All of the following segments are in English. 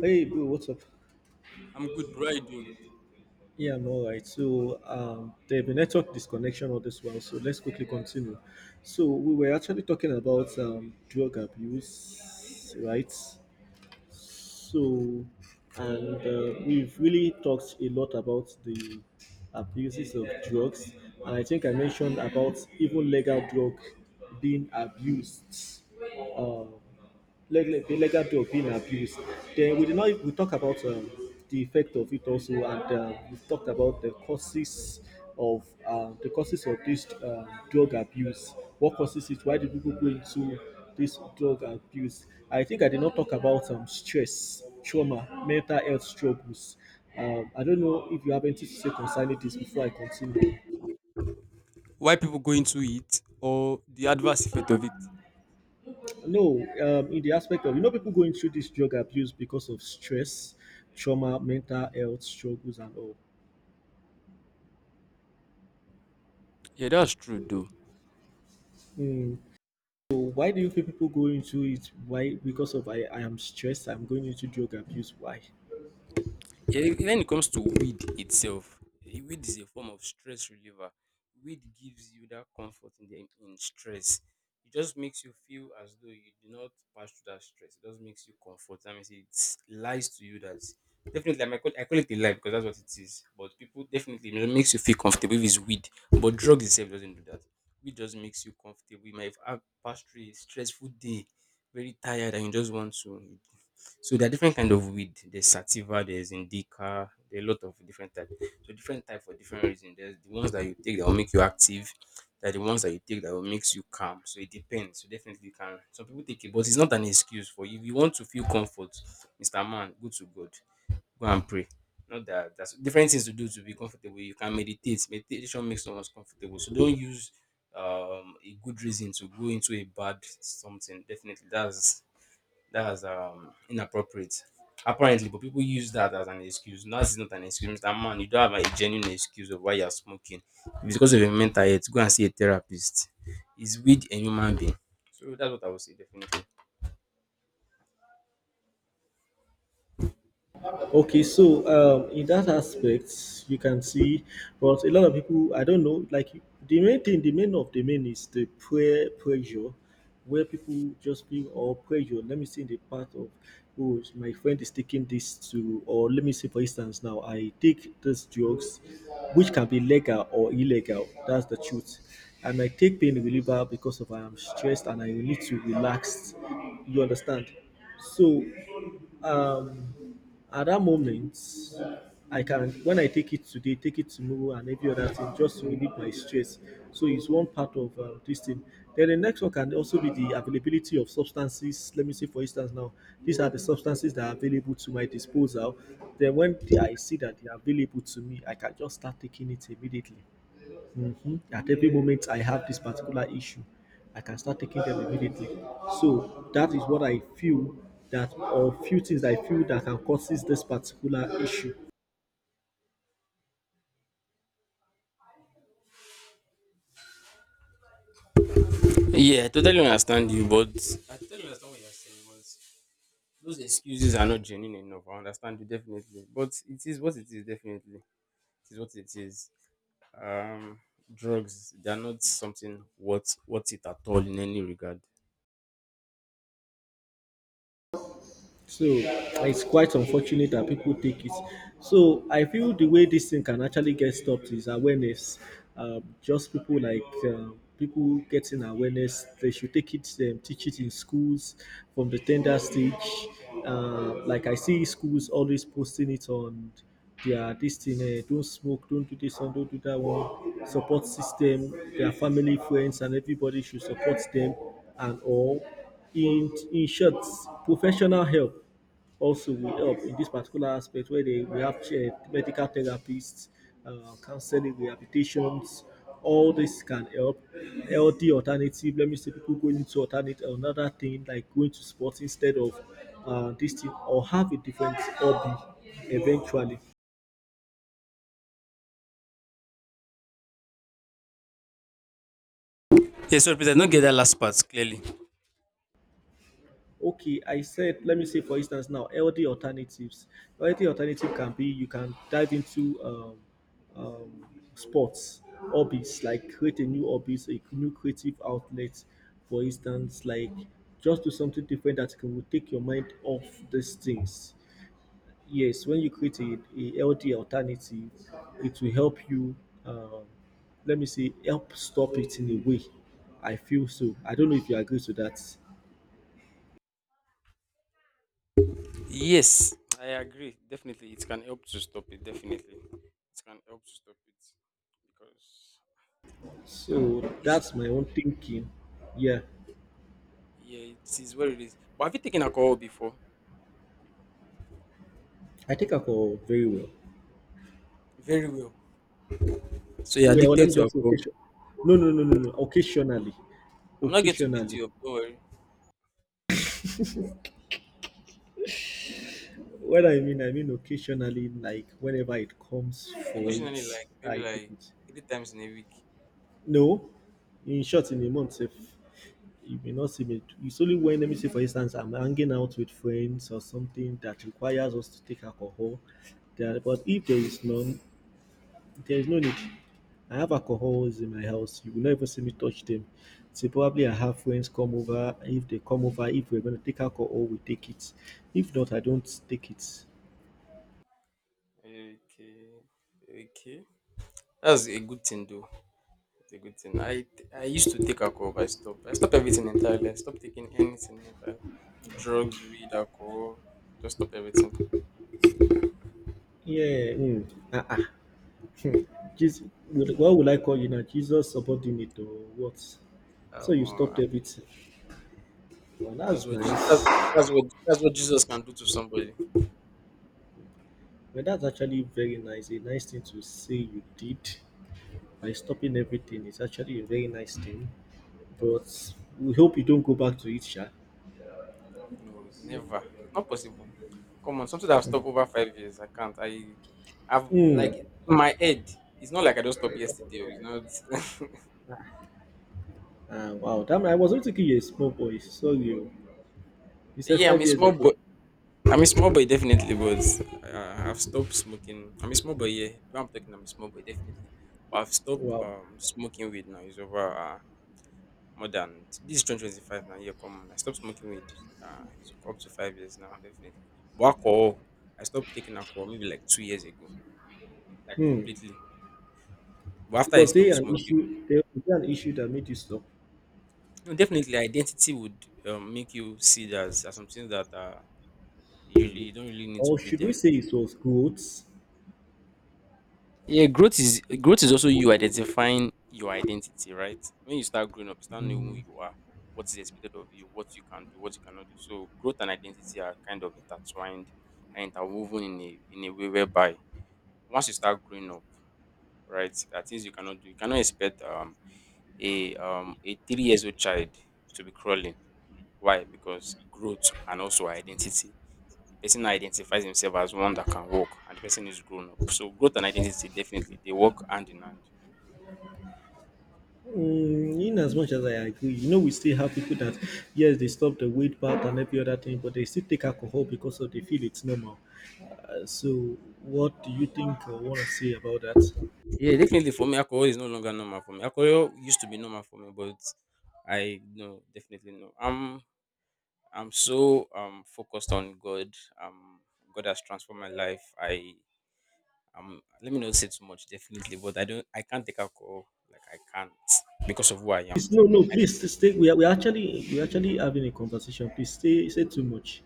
Hey, bro, what's up? I'm good, bro. How you doing? Yeah, I'm all right. So, there's been network disconnection all this while, so let's quickly continue. So, we were actually talking about drug abuse, right? So, and we've really talked a lot about the abuses of drugs, and I think I mentioned about even legal drug being abused. Um, the legacy of being abused. Then we did not we talk about the effect of it also, and we talked about the causes of the causes of this drug abuse. What causes it? Why do people go into this drug abuse? I think I did not talk about stress, trauma, mental health struggles. I don't know if you have anything to say concerning this before I continue. Why people going to it or the adverse effect of it? No, in the aspect of people going through this drug abuse because of stress, trauma, mental health struggles, and all. Yeah, that's true, though. Mm. So why do you feel people go into it? Why? Because of I am stressed. I'm going into drug abuse. Why? Yeah, when it comes to weed itself, weed is a form of stress reliever. Weed gives you that comfort in the in stress. It just makes you feel as though you do not pass through that stress. It just makes you comfort. That means it lies to you that definitely I call it a lie because that's what it is. But people definitely it makes you feel comfortable if it's weed. But drug itself doesn't do that. Weed just makes you comfortable. You might have passed through a stressful day, very tired, and you just want to so there are different kind of weed. There's sativa, there's indica, there are a lot of different type. So different type for different reasons. There's the ones that you take that will make you active. There are the ones that you take that will makes you calm. So it depends. So definitely you can. Some people take it, but it's not an excuse for you. If you want to feel comfort, Mister Man, go to God, go and pray. Not that that's different things to do to be comfortable. You can meditate. Meditation makes someone comfortable. So don't use a good reason to go into a bad something. Definitely that's inappropriate. Apparently, but people use that as an excuse. No, it's not an excuse, Mister Man. You don't have a genuine excuse of why you are smoking. If it's because of your mental health, go and see a therapist. Is weed a human being? So that's what I would say, definitely. Okay, so, in that aspect, you can see, but a lot of people, I don't know, like the main thing, the main of the main is the prayer pressure, where people just feel or pressure. Let me see the part of, oh, my friend is taking this to, or let me say, for instance, now I take these drugs, which can be legal or illegal. That's the truth. And I take pain reliever because of I am stressed and I need to relax. You understand? So um at that moment I can when I take it today, take it tomorrow and every other thing just to relieve my stress. So it's one part of this thing. Then the next one can also be the availability of substances. Let me say, for instance, now these are the substances that are available to my disposal. Then I see that they are available to me, I can just start taking it immediately. Mhm. At every moment I have this particular issue, I can start taking them immediately. So that is what I feel, that or few things I feel that can causes this particular issue. Yeah, I totally understand you, but I totally understand what you're saying. But those excuses are not genuine enough. I understand you definitely, but it is what it is. Definitely, it is what it is. Um, drugs they are not something what it at all in any regard. So it's quite unfortunate that people take it. So I feel the way this thing can actually get stopped is awareness. Just people like people getting awareness. They should take it, teach it in schools from the tender stage. Like I see schools always posting it on their this thing. Don't smoke. Don't do this one. Don't do that one. Support system. Their family, friends, and everybody should support them and all. In short, professional help also will help in this particular aspect where they we have medical therapists, counseling, rehabilitations. All this can help. Healthy alternative, let me say people going into alternate another thing like going to sports instead of this thing, or have a different hobby eventually. Yes, sorry, Peter, I don't get that last part clearly. Okay, I said, let me say, for instance, now healthy alternatives. Healthy alternative can be you can dive into um, sports, hobbies, like create a new hobbies, a new creative outlet. For instance, like just do something different that can will take your mind off these things. Yes, when you create a healthy alternative, it will help you. um, Let me say help stop it in a way, I feel. So I don't know if you agree to that. Yes, I agree. Definitely, it can help to stop it. Definitely, it can help to stop it because I, So it's, that's my own thinking. Yeah, yeah, it is what it is. But have you taken alcohol before? I take alcohol very well. Very well. So you're Well, let addicted me to just say alcohol. occasion. No, no, no, no, no. Occasionally, I'm not going to beat occasionally. you up. Don't worry. What I mean occasionally, like whenever it comes for Occasionally, it, like I maybe take like it. three times in a week. No, in short, in a month, if you may not see me, it's only when, let me say, for instance, I'm hanging out with friends or something that requires us to take alcohol. There, but if there is none, there is no need. I have alcohols in my house. You will not even see me touch them. So probably I have friends come over. If they come over, if we're going to take alcohol, we take it. If not, I don't take it. Okay, okay. That's a good thing though. It's a good thing. I used to take alcohol, but I stopped. I stopped everything entirely. I stopped taking anything entirely. Drugs, weed, alcohol. Just stop everything. Yeah. Mm. Uh-uh. Jesus, what will I call you now? Jesus subordinate or what? So Um, you stopped uh, everything. Well, that's that's nice. that's what Jesus can do to somebody. Well, that's actually very nice. A nice thing to say you did by stopping everything. It's actually a very nice thing. But we hope you don't go back to it, Sha. No, never. It's not possible. Come on, something that I've stopped over 5 years. I can't. I've Mm. like in my head. It's not like I don't stop yesterday. Oh, You know. Ah, wow, that man, I was not thinking you're a small boy. Sorry, oh. You said Yeah, I'm five a years small ago. boy. I'm a small boy, definitely, but I've stopped smoking. I'm a small boy, yeah. Though I'm talking, I'm a small boy, definitely. But I've stopped Wow. Smoking weed now. It's over more than this is 2025 now. Yeah, come on. I stopped smoking weed. It's up to 5 years now, definitely. But alcohol, I stopped taking alcohol maybe like 2 years ago, like Hmm. completely. But after I Was stopped there an smoking, issue? There was there an issue that made you stop, no, definitely identity would make you see that as some things that you don't really need to or do should we them. say it was growth? Yeah, growth is also you identifying your identity, right? When you start growing up, you start knowing who you are, what is expected of you, what you can do, what you cannot do. So growth and identity are kind of intertwined and interwoven in a way whereby once you start growing up, right, there are things you cannot do. You cannot expect a 3 years old child to be crawling. Why? Because growth and also identity. The person identifies himself as one that can walk, and the person is grown up. So growth and identity definitely they work hand in hand. Mm, in as much as I agree, you know, we still have people that, yes, they stop the weight part and every other thing, but they still take alcohol because of they feel it's normal. So, what do you think or want to say about that? Yeah, definitely for me, alcohol is no longer normal for me. Alcohol used to be normal for me, but I no, definitely no. I'm so focused on God. Um, God has transformed my life. I let me not say too much, definitely, but I can't take alcohol. Like I can't because of who I am. Please, no, no, please s- stay. We are actually having a conversation. Please stay. Say too much.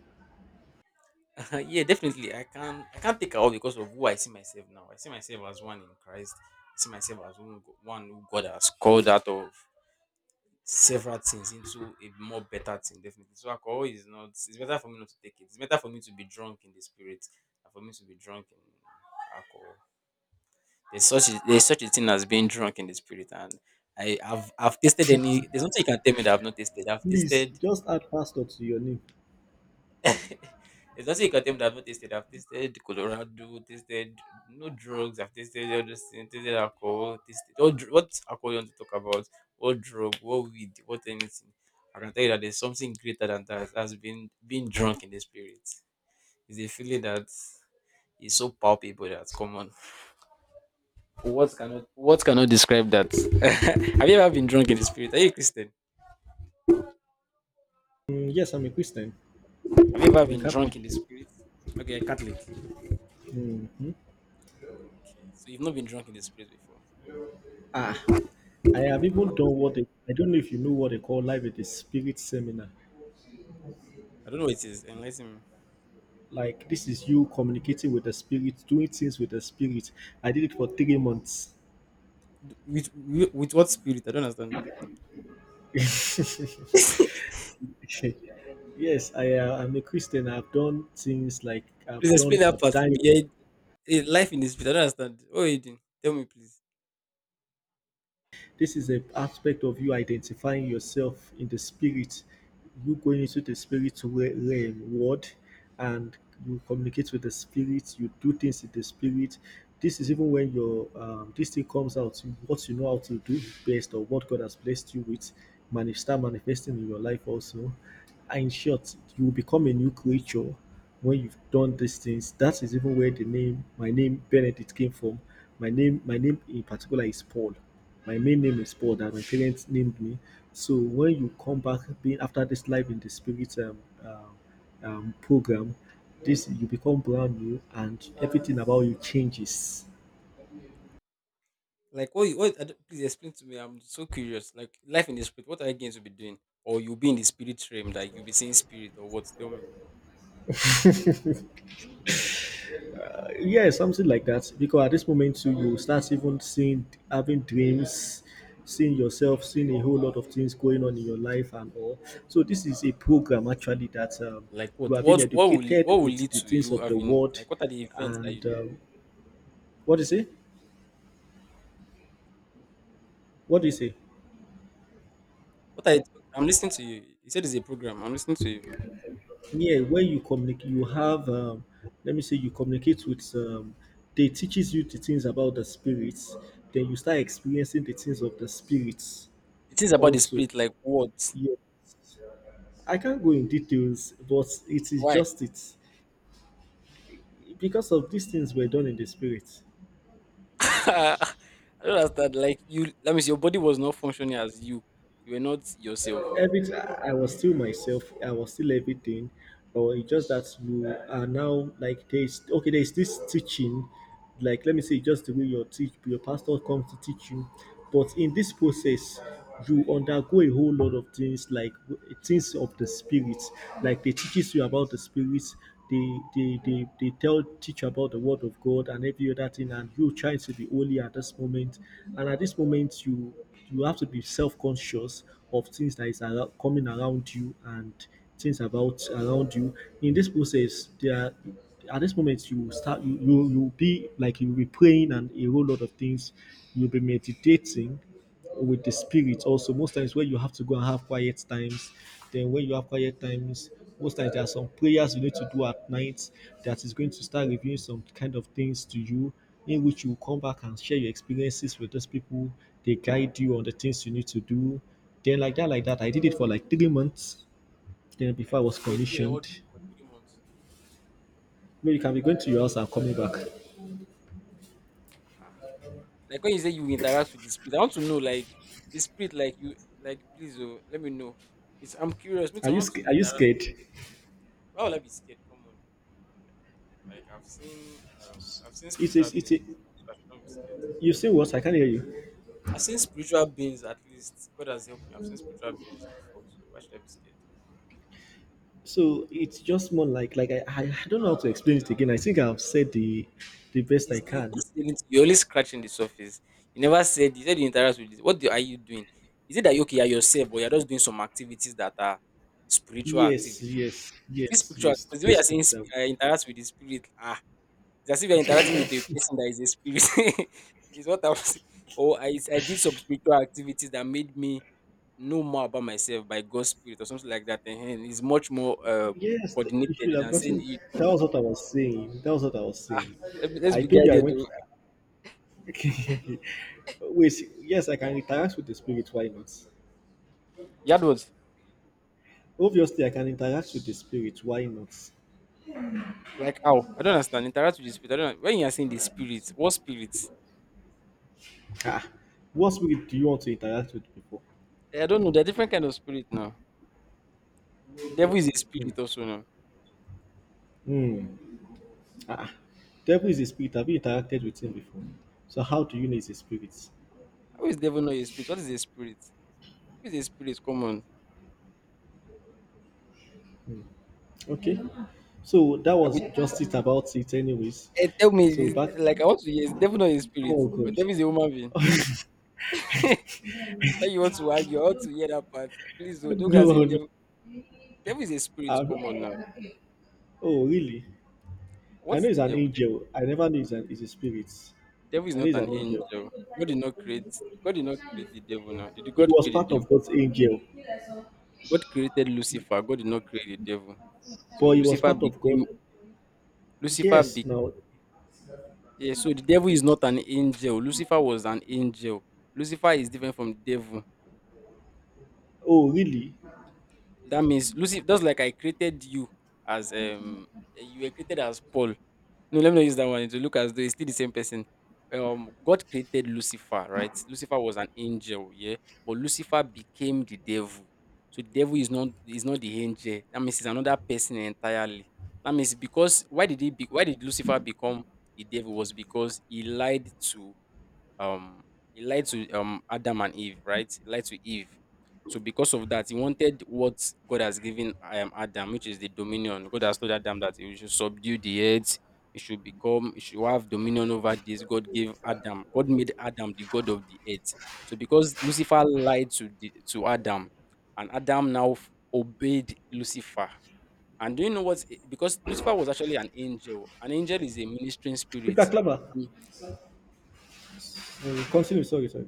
Yeah, definitely I can't take alcohol because of who I see myself now. I see myself as one in Christ. I see myself as one who God has called out of several things into a more better thing, definitely. So alcohol is not it's better for me not to take it. It's better for me to be drunk in the spirit than for me to be drunk in alcohol. There's such a thing as being drunk in the spirit and I, have I've tasted any there's nothing you can tell me that I've not tasted. I've Please tasted just add pastor to your name. there's nothing you can tell me that I've not tasted. I've tasted Colorado, tasted no drugs, I've tasted all those things, tasted alcohol, what alcohol you want to talk about, what drug, what weed, what anything. I can tell you that there's something greater than that has been being drunk in the spirit. It's a feeling that is so palpable that's common. What cannot describe that? Have you ever been drunk in the spirit? Are you a Christian? Mm, yes, I'm a Christian. Have you ever I'm a been Catholic. drunk in the spirit? Okay, Catholic. Okay, Hmm. so you've not been drunk in the spirit before. Ah, I have even done what they, I don't know if you know what they call life with the spirit seminar. I don't know what it is. Enlighten me. Like this is you communicating with the spirit, doing things with the spirit. I did it for 3 months. With what spirit? I don't understand. Yes, I I'm a Christian. I've done things like I've Please explain done that I've part for me. died. Life in the spirit. I don't understand. What are you doing? Tell me, please. This is a aspect of you identifying yourself in the spirit, you going into the spirit realm, world, and you communicate with the spirit, you do things in the spirit. This is even when your this thing comes out, you- what you know how to do best or what God has blessed you with, start manifesting in your life also. And in short, you will become a new creature when you've done these things. That is even where the name, my name Benedict came from. My name in particular is Paul. My main name is Paul that my parents named me. So when you come back being after this life in the spirit um, program, this you become brand new and everything about you changes. Like what? What? I don't- please explain to me. I'm so curious. Like life in the spirit. What are you going to be doing? Or you'll be in the spirit realm? Like you'll be seeing spirit or what? Tell me. Yeah, something like that. Because at this moment too, you start even seeing having dreams, seeing yourself, seeing a whole lot of things going on in your life and all. So this is a program actually that Like you what? are being What? What will? What educated will with lead the to things you of the having? world Like what are the events that you and do? um, what is it? What do you say? What are? You, I'm listening to you. You said it's a program. I'm listening to you. Yeah, when you communicate, you have, let me say, you communicate with, they teaches you the things about the spirits. Then you start experiencing the things of the spirits It is about the also. spirit. Like what? Yeah, I can't go in details, but it is Why? just it, because of these things were done in the spirit. I don't understand. Like you, that means your body was not functioning as you. You were not yourself. Everything, I was still myself, I was still everything, but it's just that you are now like there's okay, there's this teaching, like let me say just the way your teach your pastor comes to teach you, but in this process you undergo a whole lot of things like things of the spirit, like they teaches you about the spirits. They they they, they tell teach you about the word of God and every other thing, and you trying to be holy at this moment. And at this moment you have to be self-conscious of things that is around, coming around you and things about around you. In this process there are, at this moment you will start you will be like you'll be praying and a whole lot of things. You'll be meditating with the spirit also. Most times when you have to go and have quiet times, then when you have quiet times, most times there are some prayers you need to do at night that is going to start revealing some kind of things to you, in which you come back and share your experiences with those people. They guide you on the things you need to do. Then like that I did it for like 3 months, then before I Like was you were there all commissioned. for 3 months. No, you can be going to your house and coming back. Ah. Like when you say you interact with the spirit, I want to know like the spirit, like you, like please, oh, let me know. It's I'm curious. Me, Are too, I you want to are you interact. scared? Why would I be scared? Come on. Like I've seen it's spiritual it's it's beings. So I should not be scared. you say what? I can't hear you. I've seen spiritual beings. At least God has helped me. I've seen spiritual beings before. So why should I be scared? So it's just more like I don't know how to explain it again. I think I've said the best I You've can. not said. You're only scratching the surface. You never said. You said you interact with. This. Are you doing? Is it that you okay? You're yourself, but you're just doing some activities that are spiritual Yes, activities. yes, yes, This spiritual, yes. because the way Let's you're put saying it that way. Interact with the spirit, ah, it's as if you're interacting with a person that is a spirit. is what I was. Oh, I did some spiritual activities that made me know more about myself by God's spirit or something like that. And it's much more Yes, the- you should coordinated have than saying. gotten. That was what I was saying. That was what I was saying. Let's I be told you I guided, though. went. Wait, yes, I can interact with the spirit. Why not? You had what? Obviously, I can interact with the spirit. Why not? Like how? I don't understand. Interact with the spirit. I don't know. When you are saying the spirit, what spirit? Ah, what spirit do you want to interact with before? I don't know. There are different kind of spirit now. Devil is a spirit also now. Hmm. Ah, Devil is a spirit. Have you interacted with him before? So how do you know he's a spirit? How is devil not a spirit? What is a spirit? What is a spirit? Come on. Okay. So that I was mean, just it about it, anyways. Tell me. So back. Like I want to hear. Is devil not a spirit? Oh Or God. devil is a human being? when you want to argue, I want to hear that part. Please, oh, don't go and say No, no. devil. Devil is a spirit. I'm- Come on now. oh really? What I know is he's the an devil? Angel. I never knew he's a spirit. Devil is I know not he's an an angel. angel. God did not create. God did not create the devil now. Did He God was create part the of devil? God's angel. God created Lucifer, God did not create the devil. So But he was Lucifer part of became God. Lucifer Yes, bec now. yeah, so the devil is not an angel. Lucifer was an angel. Lucifer is different from devil. Oh, really? That means Lucifer just like I created you as you were created as Paul. No, let me not use that one. It will look as though it's still the same person. God created Lucifer, right? Lucifer was an angel, yeah, but Lucifer became the devil. So the devil is not the angel. That means it's another person entirely. That means because why did he be, why did Lucifer become the devil was because um he lied to Adam and Eve, right? He lied to Eve. So because of that, he wanted what God has given Adam, which is the dominion. God has told Adam that he should subdue the earth. He should have dominion over this. God gave Adam, God made Adam the god of the earth. So because Lucifer lied to to Adam, and Adam now obeyed Lucifer. And do you know what? Because Lucifer was actually an angel, an angel is a ministering Peter spirit. Clapper. Mm, continue. Sorry, sorry.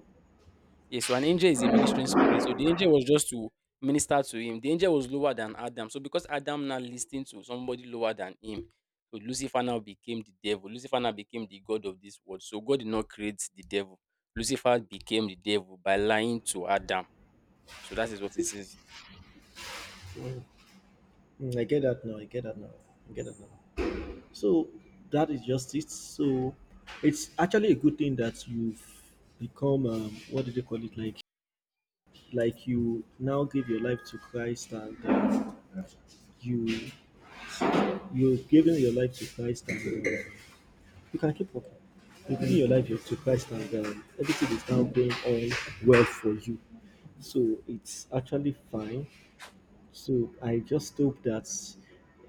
Yes, so an angel is a ministering spirit. So the angel was just to minister to him. The angel was lower than Adam. So because Adam now listened to somebody lower than him, so Lucifer now became the devil. Lucifer now became the god of this world. So God did not create the devil. Lucifer became the devil by lying to Adam. So that is what it is. Mm, I get that now. I get that now. I get that now. So that is just it. So it's actually a good thing that you've become. What do they call it? Like you now give your life to Christ, and you you've given your life to Christ, and you can keep working. You give your life to Christ, and everything is now going on well for you. So it's actually fine. So I just hope that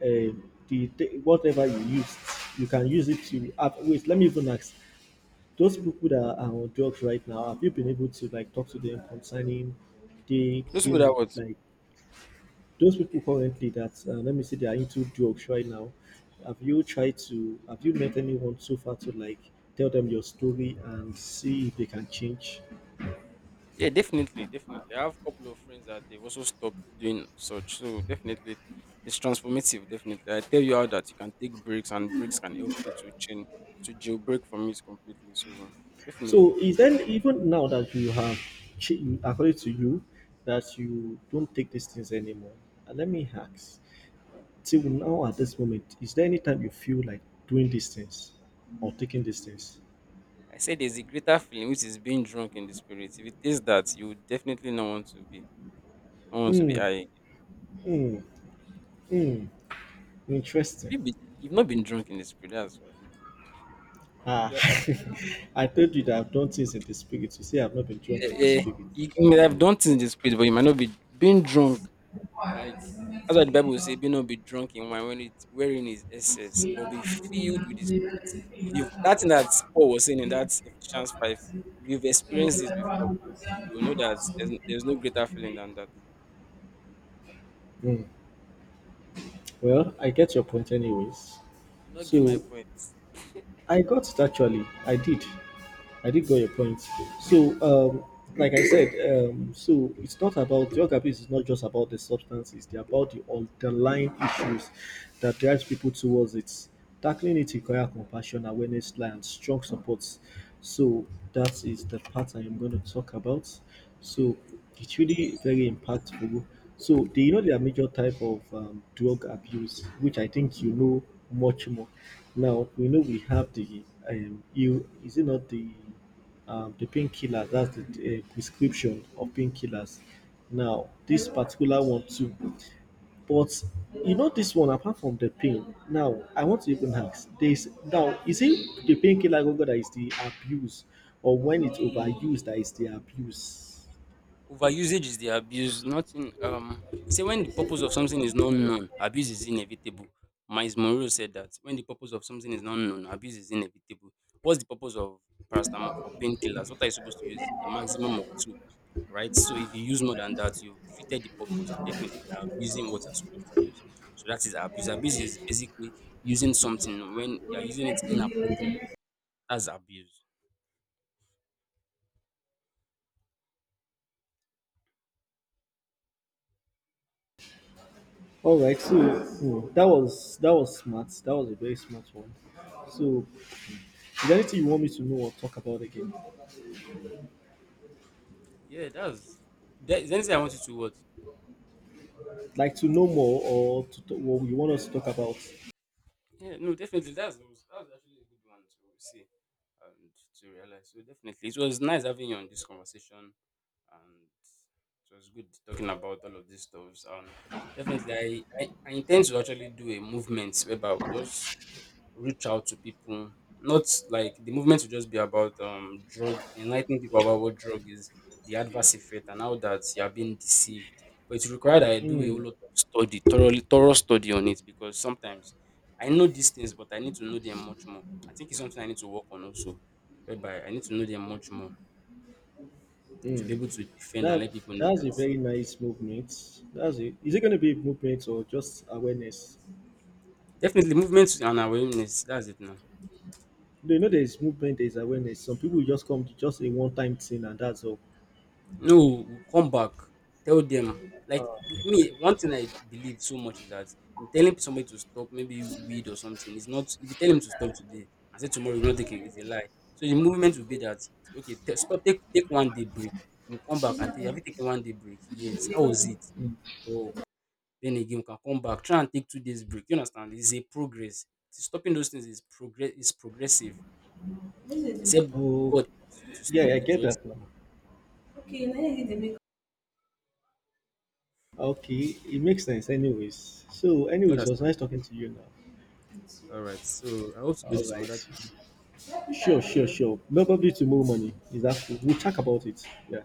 whatever you used, you can use it to. Wait, let me even ask. Those people that are on drugs right now, have you been able to like talk to them concerning they Those people that being what? like those people currently that let me see, they are into drugs right now. Have you tried to? Have you met anyone so far to like tell them your story and see if they can change? Yeah, definitely, definitely. I have a couple of friends that they've also stopped doing such. So definitely, it's transformative. Definitely, I tell you how that you can take breaks, and breaks can help you to change to jailbreak from it completely. So definitely, So is then even now that you have, ch- according to you, that you don't take these things anymore? Let me ask. Till now at this moment, is there any time you feel like doing these things or taking these things? I say there's a greater feeling which is being drunk in the spirit. If it is that, you would definitely not want to be. Hmm. I have Hmm. Hmm. Interesting. you been, you've not been drunk in the spirit. That's why. Ah, Yeah, you, I told you that I've done things in the spirit. You say I've not been drunk in the eh, eh, spirit. you may have done things in the spirit, but you might not be being drunk. Like that's why the Bible say, "Be not be drunk in wine, when it wherein is excess, but be filled with the Spirit." If you that thing that Paul was saying in that Ephesians five, if you've experienced this before, you will know that there's no greater feeling than that. Hmm. Well, I get your point, anyways. You do not get my So point. I got it actually. I did. I did got your point. So, um, like I said, so it's not about drug abuse. It's not just about the substances. They're about the underlying issues that drives people towards it. Tackling it requires compassion, awareness, and strong supports. So that is the part I am going to talk about. So it's really very impactful. So do you know there are major type of drug abuse, which I think you know much more. Now we know we have the you is it not the the painkillers? That's the prescription of painkillers. Now this particular one too, but you know this one apart from the pain. Now I want to even ask. There is now is it the painkiller Gogo that is the abuse, or when it's overused that is the abuse? Overusage is the abuse, nothing. Say when the purpose of something is not known, abuse is inevitable. Miles Monroe said that when the purpose of something is not known, abuse is inevitable. What's the purpose of paracetamol for painkillers? What are you supposed to use? A maximum of two, right? So if you use more than that, you've defeated the purpose, and definitely you are abusing what you're supposed to use. So that is abuse. Abuse is basically using something when you're using it inappropriate. That's abuse. All right, so hmm, that was smart. That was a very smart one. So, is there anything you want me to know or talk about again? Yeah, that's. There, is there anything I want you to what? Like to know more or to talk, what you want us to talk about? Yeah, no, definitely. That was actually a good one to see and to realize. So definitely, it was nice having you on this conversation, and it was good talking about all of these stuffs. And definitely, I intend to actually do a movement whereby we just reach out to people. Not like the movement will just be about drug enlightening people about what drug is, the adverse effect, and how that you are being deceived. But it's required that I do a whole Hmm, lot of study, thorough study on it because sometimes I know these things, but I need to know them much more. I think it's something I need to work on also, whereby I need to know them much more to hmm. be able to defend and let That people know that's a that very nice movement. That's it. Is it going to be a movement or just awareness? definitely movement and awareness. That's it now. You know, there's movement, there's awareness. Some people just come to just a one-time thing and that's all. No, come back. Tell them. Uh, Like me, one thing I believe so much is that in telling somebody to stop, maybe weed or something, it's not. If you tell him to stop today and say tomorrow you will not take it, it's a lie. So the movement will be that okay, stop, take one day break. We'll come back and tell you, have you taken It's one day break? Yes. How was it? hmm. Talk. Then again, we can come back. Try and take two days break. You understand? It's a progress. Stopping those things is progress. Is progressive. Except Oh, God helps you to stop yeah, I it. get Just that now. Okay, now you need to make okay, it makes sense anyways. So you anyways, it was understand. nice talking to you now. All right. So I hope to do All this some other. right. Sure, sure, sure. Probably tomorrow morning. Is that cool? We'll talk about it. Yeah.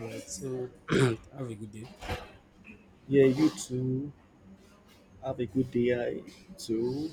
All right. So have a good day. Yeah, you too. Have a good day I too.